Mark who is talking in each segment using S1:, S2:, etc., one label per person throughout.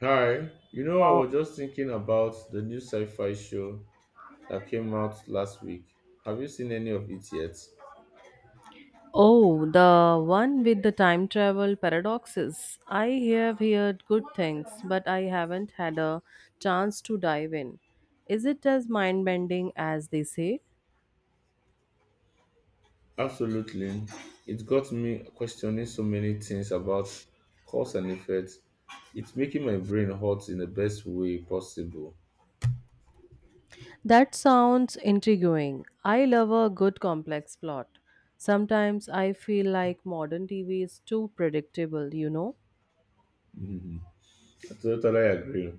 S1: Hi, you know, I was just thinking about the new sci fi show that came out last week. Have you seen any of it yet?
S2: Oh, the one with the time travel paradoxes. I have heard good things, but I haven't had a chance to dive in. Is it as mind bending as they say?
S1: Absolutely. It got me questioning so many things about cause and effect. It's making my brain hot in the best way possible.
S2: That sounds intriguing. I love a good complex plot. Sometimes I feel like modern TV is too predictable, you know?
S1: Mhm. I totally agree.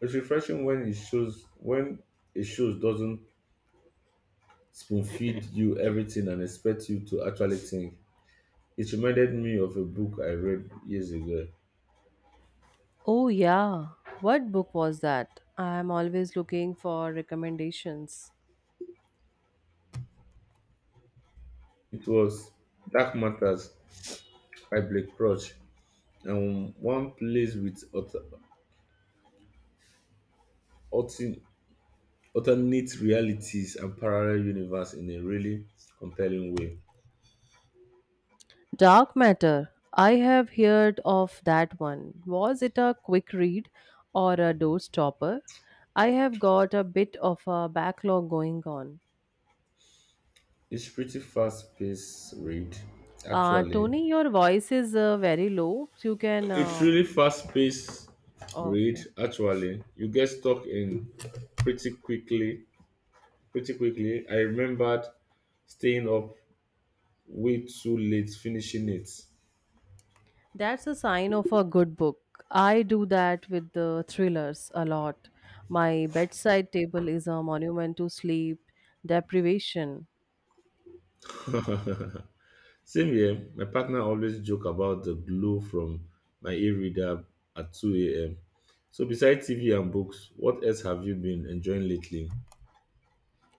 S1: It's refreshing when it shows doesn't spoon feed you everything and expect you to actually think. It reminded me of a book I read years ago.
S2: Oh, yeah. What book was that? I am always looking for recommendations.
S1: It was Dark Matters by Blake Crouch and one plays with altern- alternate realities and parallel universe in a really compelling way.
S2: Dark Matter. I have heard of that one. Was it a quick read or a doorstopper? I have got a bit of a backlog going on.
S1: It's pretty fast-paced read, actually.
S2: Tony, your voice is very low. You can.
S1: It's really fast-paced read,
S2: Okay.
S1: actually. You get stuck in pretty quickly. Pretty quickly. I remembered staying up way too late finishing it.
S2: That's a sign of a good book. I do that with the thrillers a lot. My bedside table is a monument to sleep deprivation.
S1: Same here, my partner always joke about the glow from my e-reader at 2 a.m. So besides TV and books, what else have you been enjoying lately?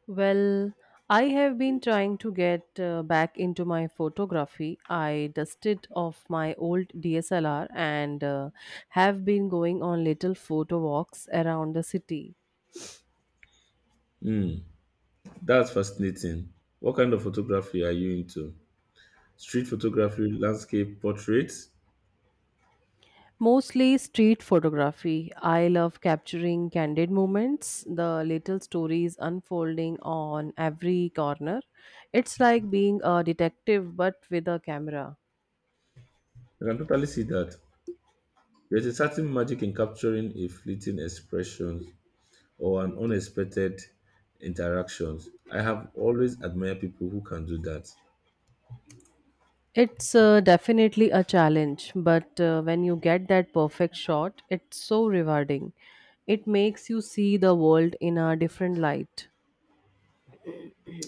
S2: Well, I have been trying to get back into my photography. I dusted off my old DSLR and have been going on little photo walks around the city.
S1: Hmm, that's fascinating. What kind of photography are you into? Street photography, landscape, portraits?
S2: Mostly street photography. I love capturing candid moments, the little stories unfolding on every corner. It's like being a detective but with a camera.
S1: I can totally see that. There's a certain magic in capturing a fleeting expression or an unexpected interaction. I have always admired people who can do that.
S2: It's definitely a challenge, but when you get that perfect shot, it's so rewarding. It makes you see the world in a different light.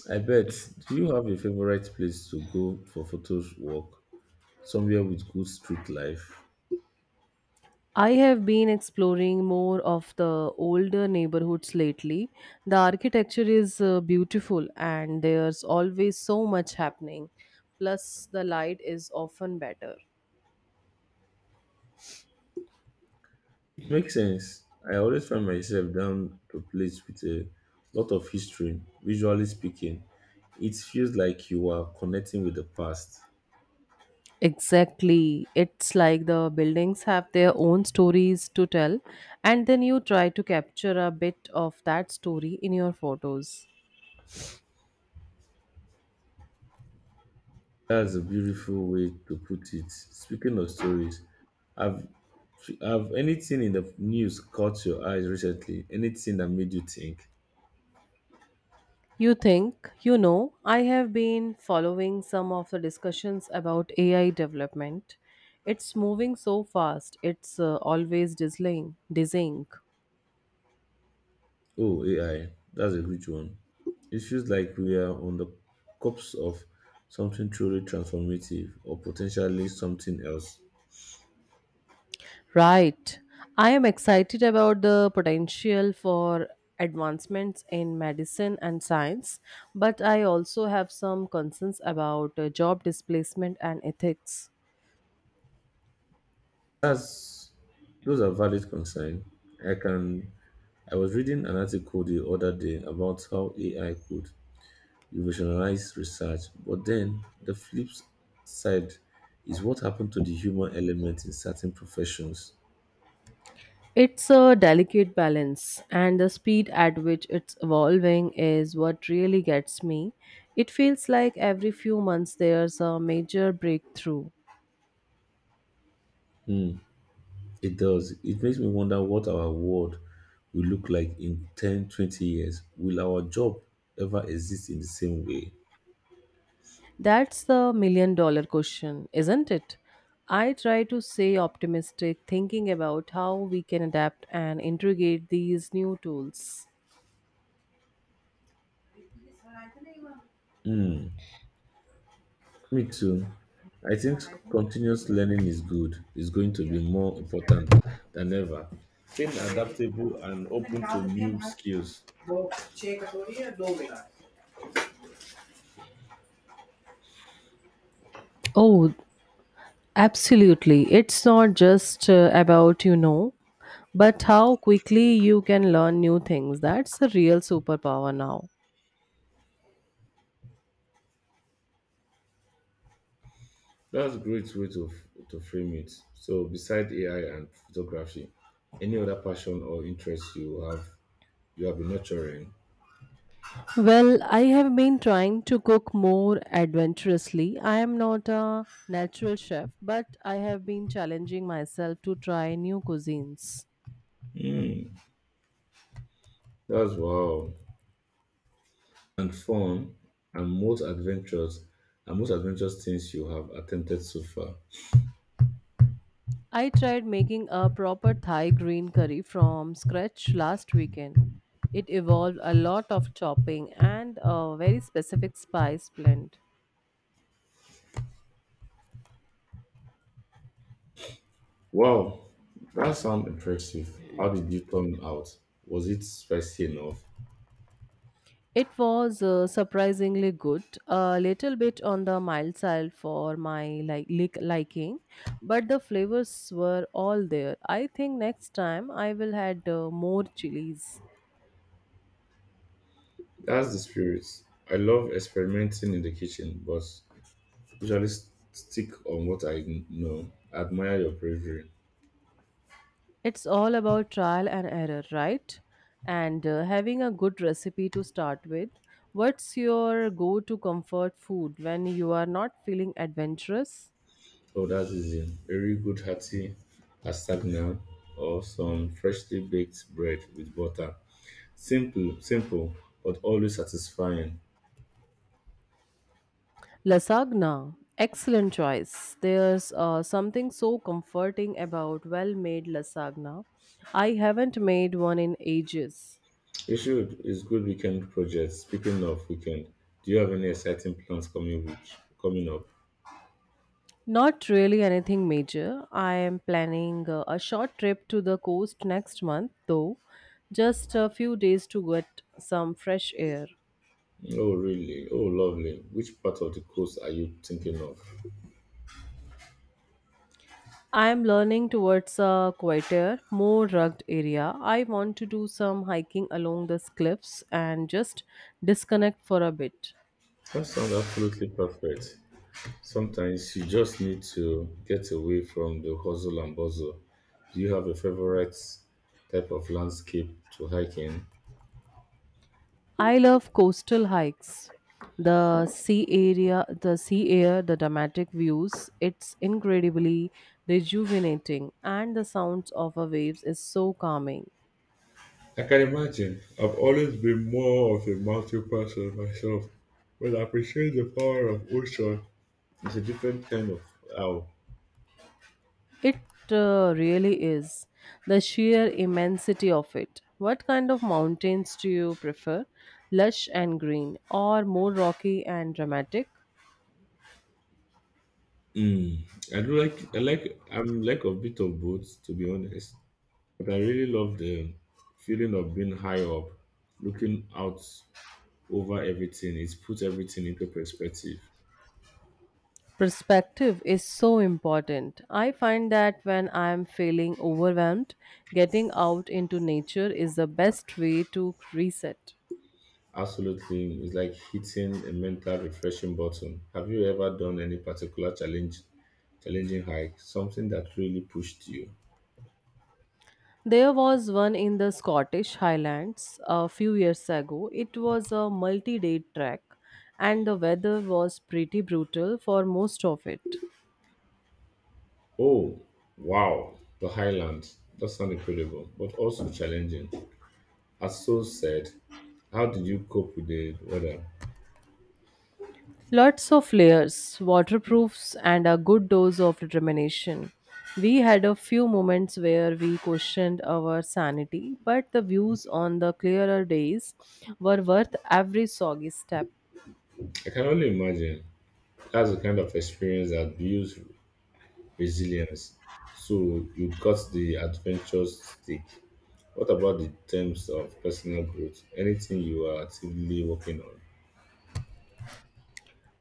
S1: I bet. Do you have a favorite place to go for photos walk? Somewhere with good street life?
S2: I have been exploring more of the older neighborhoods lately. The architecture is beautiful, and there's always so much happening. Plus, the light is often better.
S1: It makes sense. I always find myself down to place with a lot of history, visually speaking. It feels like you are connecting with the past.
S2: Exactly. It's like the buildings have their own stories to tell, and then you try to capture a bit of that story in your photos.
S1: That's a beautiful way to put it. Speaking of stories, have have anything in the news caught your eyes recently? Anything that made you think?
S2: You think, I have been following some of the discussions about AI development. It's moving so fast, it's always dizzying.
S1: Oh, AI, that's a great one. It feels like we are on the cusp of something truly transformative or potentially something else.
S2: Right. I am excited about the potential for advancements in medicine and science, but I also have some concerns about job displacement and ethics.
S1: That's Those are valid concerns. I can I was reading an article the other day about how AI could revolutionize research, but then the flip side is what happened to the human element in certain professions.
S2: It's a delicate balance, and the speed at which it's evolving is what really gets me. It feels like every few months there's a major breakthrough.
S1: Hmm. It does. It makes me wonder what our world will look like in 10, 20 years. Will our job ever exist in the same way?
S2: That's the million dollar question, isn't it? I try to stay optimistic, thinking about how we can adapt and integrate these new tools.
S1: Hmm. Me too. I think continuous learning is good. It's going to be more important than ever. Staying adaptable and open to new skills.
S2: Oh, absolutely. It's not just about, but how quickly you can learn new things. That's a real superpower now.
S1: That's a great way to frame it. So, besides AI and photography, any other passion or interest you have been nurturing?
S2: Well, I have been trying to cook more adventurously. I am not a natural chef, but I have been challenging myself to try new cuisines.
S1: That's wow. And fun and most adventures and most adventurous things you have attempted so far.
S2: I tried making a proper Thai green curry from scratch last weekend. It involved a lot of chopping and a very specific spice blend.
S1: Wow, that sounds impressive. How did you turn out? Was it spicy enough?
S2: It was surprisingly good, a little bit on the mild side for my like liking, but the flavors were all there. I think next time I will add more chilies.
S1: That's the spirit. I love experimenting in the kitchen, but usually stick on what I know. I admire your bravery.
S2: It's all about trial and error, right? And having a good recipe to start with. What's your go to comfort food when you are not feeling adventurous?
S1: Oh, that's easy. Very good hearty asagna or some freshly baked bread with butter. Simple, but always satisfying.
S2: Lasagna. Excellent choice. There's something so comforting about well made lasagna. I haven't made one in ages.
S1: You should. It's good weekend project. Speaking of weekend, do you have any exciting plans coming up?
S2: Not really anything major. I am planning a short trip to the coast next month, though, just a few days to get some fresh air.
S1: Oh really? Oh lovely. Which part of the coast are you thinking of?
S2: I am learning towards a quieter, more rugged area. I want to do some hiking along the cliffs and just disconnect for a bit.
S1: That sounds absolutely perfect. Sometimes you just need to get away from the hustle and bustle. Do you have a favorite type of landscape to hike in?
S2: I love coastal hikes. The sea area, the sea air, the dramatic views, it's incredibly rejuvenating, and the sounds of the waves is so calming.
S1: I can imagine. I've always been more of a mountain person myself, but I appreciate the power of ocean. It's a different kind of awe.
S2: It really is. The sheer immensity of it. What kind of mountains do you prefer? Lush and green, or more rocky and dramatic?
S1: Mm, I do like I like I'm like a bit of both to be honest, but I really love the feeling of being high up, looking out over everything. It's put everything into perspective.
S2: Perspective is so important. I find that when I am feeling overwhelmed, getting out into nature is the best way to reset.
S1: Absolutely, it's like hitting a mental refreshing button. Have you ever done any challenging hike, something that really pushed you?
S2: There was one in the Scottish Highlands a few years ago. It was a multi day trek, and the weather was pretty brutal for most of it.
S1: Oh, wow, the Highland. That sounds incredible, but also challenging. As so said, how did you cope with the weather?
S2: Lots of layers, waterproofs, and a good dose of determination. We had a few moments where we questioned our sanity, but the views on the clearer days were worth every soggy step.
S1: I can only imagine. That's the kind of experience that builds resilience. So you got the adventurous stick. What about the terms of personal growth? Anything you are actively working on?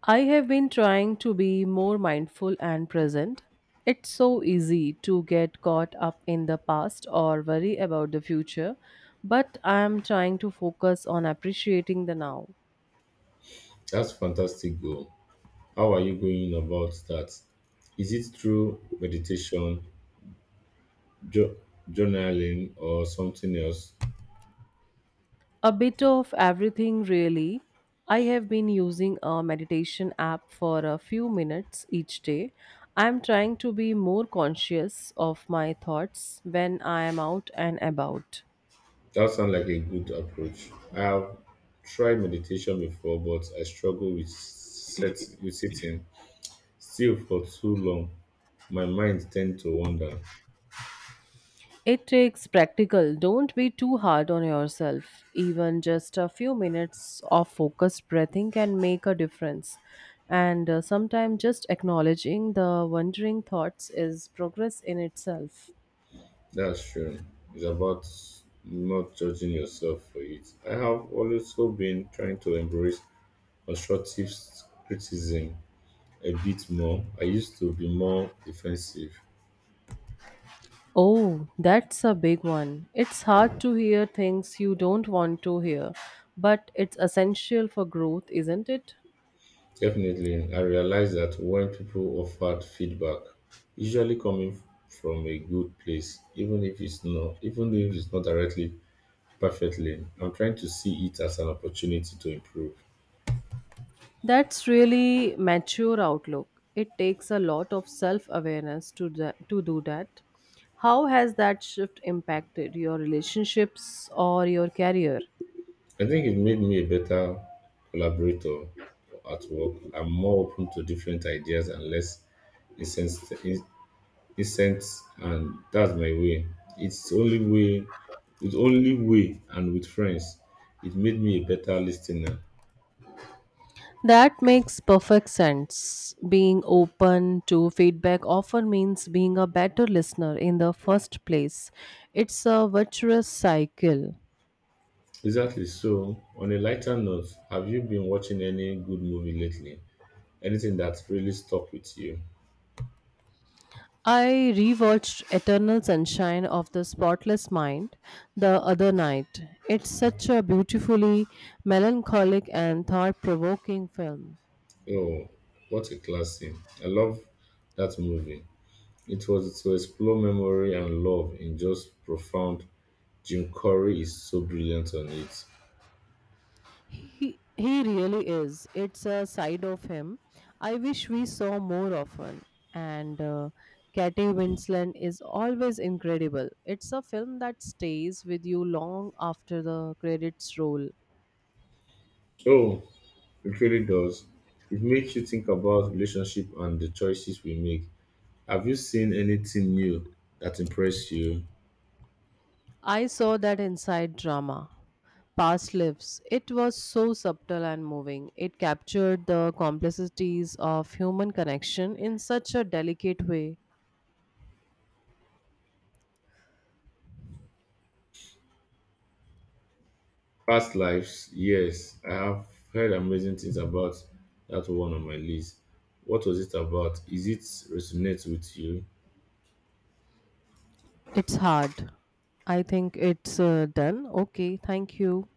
S2: I have been trying to be more mindful and present. It's so easy to get caught up in the past or worry about the future, but I am trying to focus on appreciating the now.
S1: That's fantastic goal. How are you going about that? Is it through meditation, jo- journaling, or something else?
S2: A bit of everything, really. I have been using a meditation app for a few minutes each day. I'm trying to be more conscious of my thoughts when I am out and about.
S1: That sounds like a good approach. I have tried meditation before, but I struggle with set with sitting. Still for too long, my mind tend to wander.
S2: It takes practical. Don't be too hard on yourself. Even just a few minutes of focused breathing can make a difference. And sometimes just acknowledging the wandering thoughts is progress in itself.
S1: That's true. It's about not judging yourself for it. I have also been trying to embrace constructive criticism a bit more. I used to be more defensive.
S2: Oh, that's a big one. It's hard to hear things you don't want to hear, but it's essential for growth, isn't it?
S1: Definitely, I realized that when people offered feedback, usually coming from a good place, even if it's not directly perfectly, I'm trying to see it as an opportunity to improve.
S2: That's really mature outlook. It takes a lot of self-awareness to to do that. How has that shift impacted your relationships or your career?
S1: I think it made me a better collaborator at work. I'm more open to different ideas and less incensed, and that's my way. It's only way, it's only way, and with friends, it made me a better listener.
S2: That makes perfect sense. Being open to feedback often means being a better listener in the first place. It's a virtuous cycle.
S1: Exactly. So, on a lighter note, have you been watching any good movie lately? Anything that really stuck with you?
S2: I rewatched Eternal Sunshine of the Spotless Mind the other night. It's such a beautifully melancholic and thought provoking film.
S1: Oh, what a classic! I love that movie. It was to explore memory and love in just profound. Jim Curry is so brilliant on it.
S2: He really is. It's a side of him. I wish we saw more often. And Katie Winslet is always incredible. It's a film that stays with you long after the credits roll.
S1: Oh, it really does. It makes you think about relationship and the choices we make. Have you seen anything new that impressed you?
S2: I saw that inside drama. Past lives. It was so subtle and moving. It captured the complexities of human connection in such a delicate way.
S1: Past lives, yes. I have heard amazing things about that one on my list. What was it about? Is it resonate with you?
S2: It's hard. I think it's done. Okay, thank you.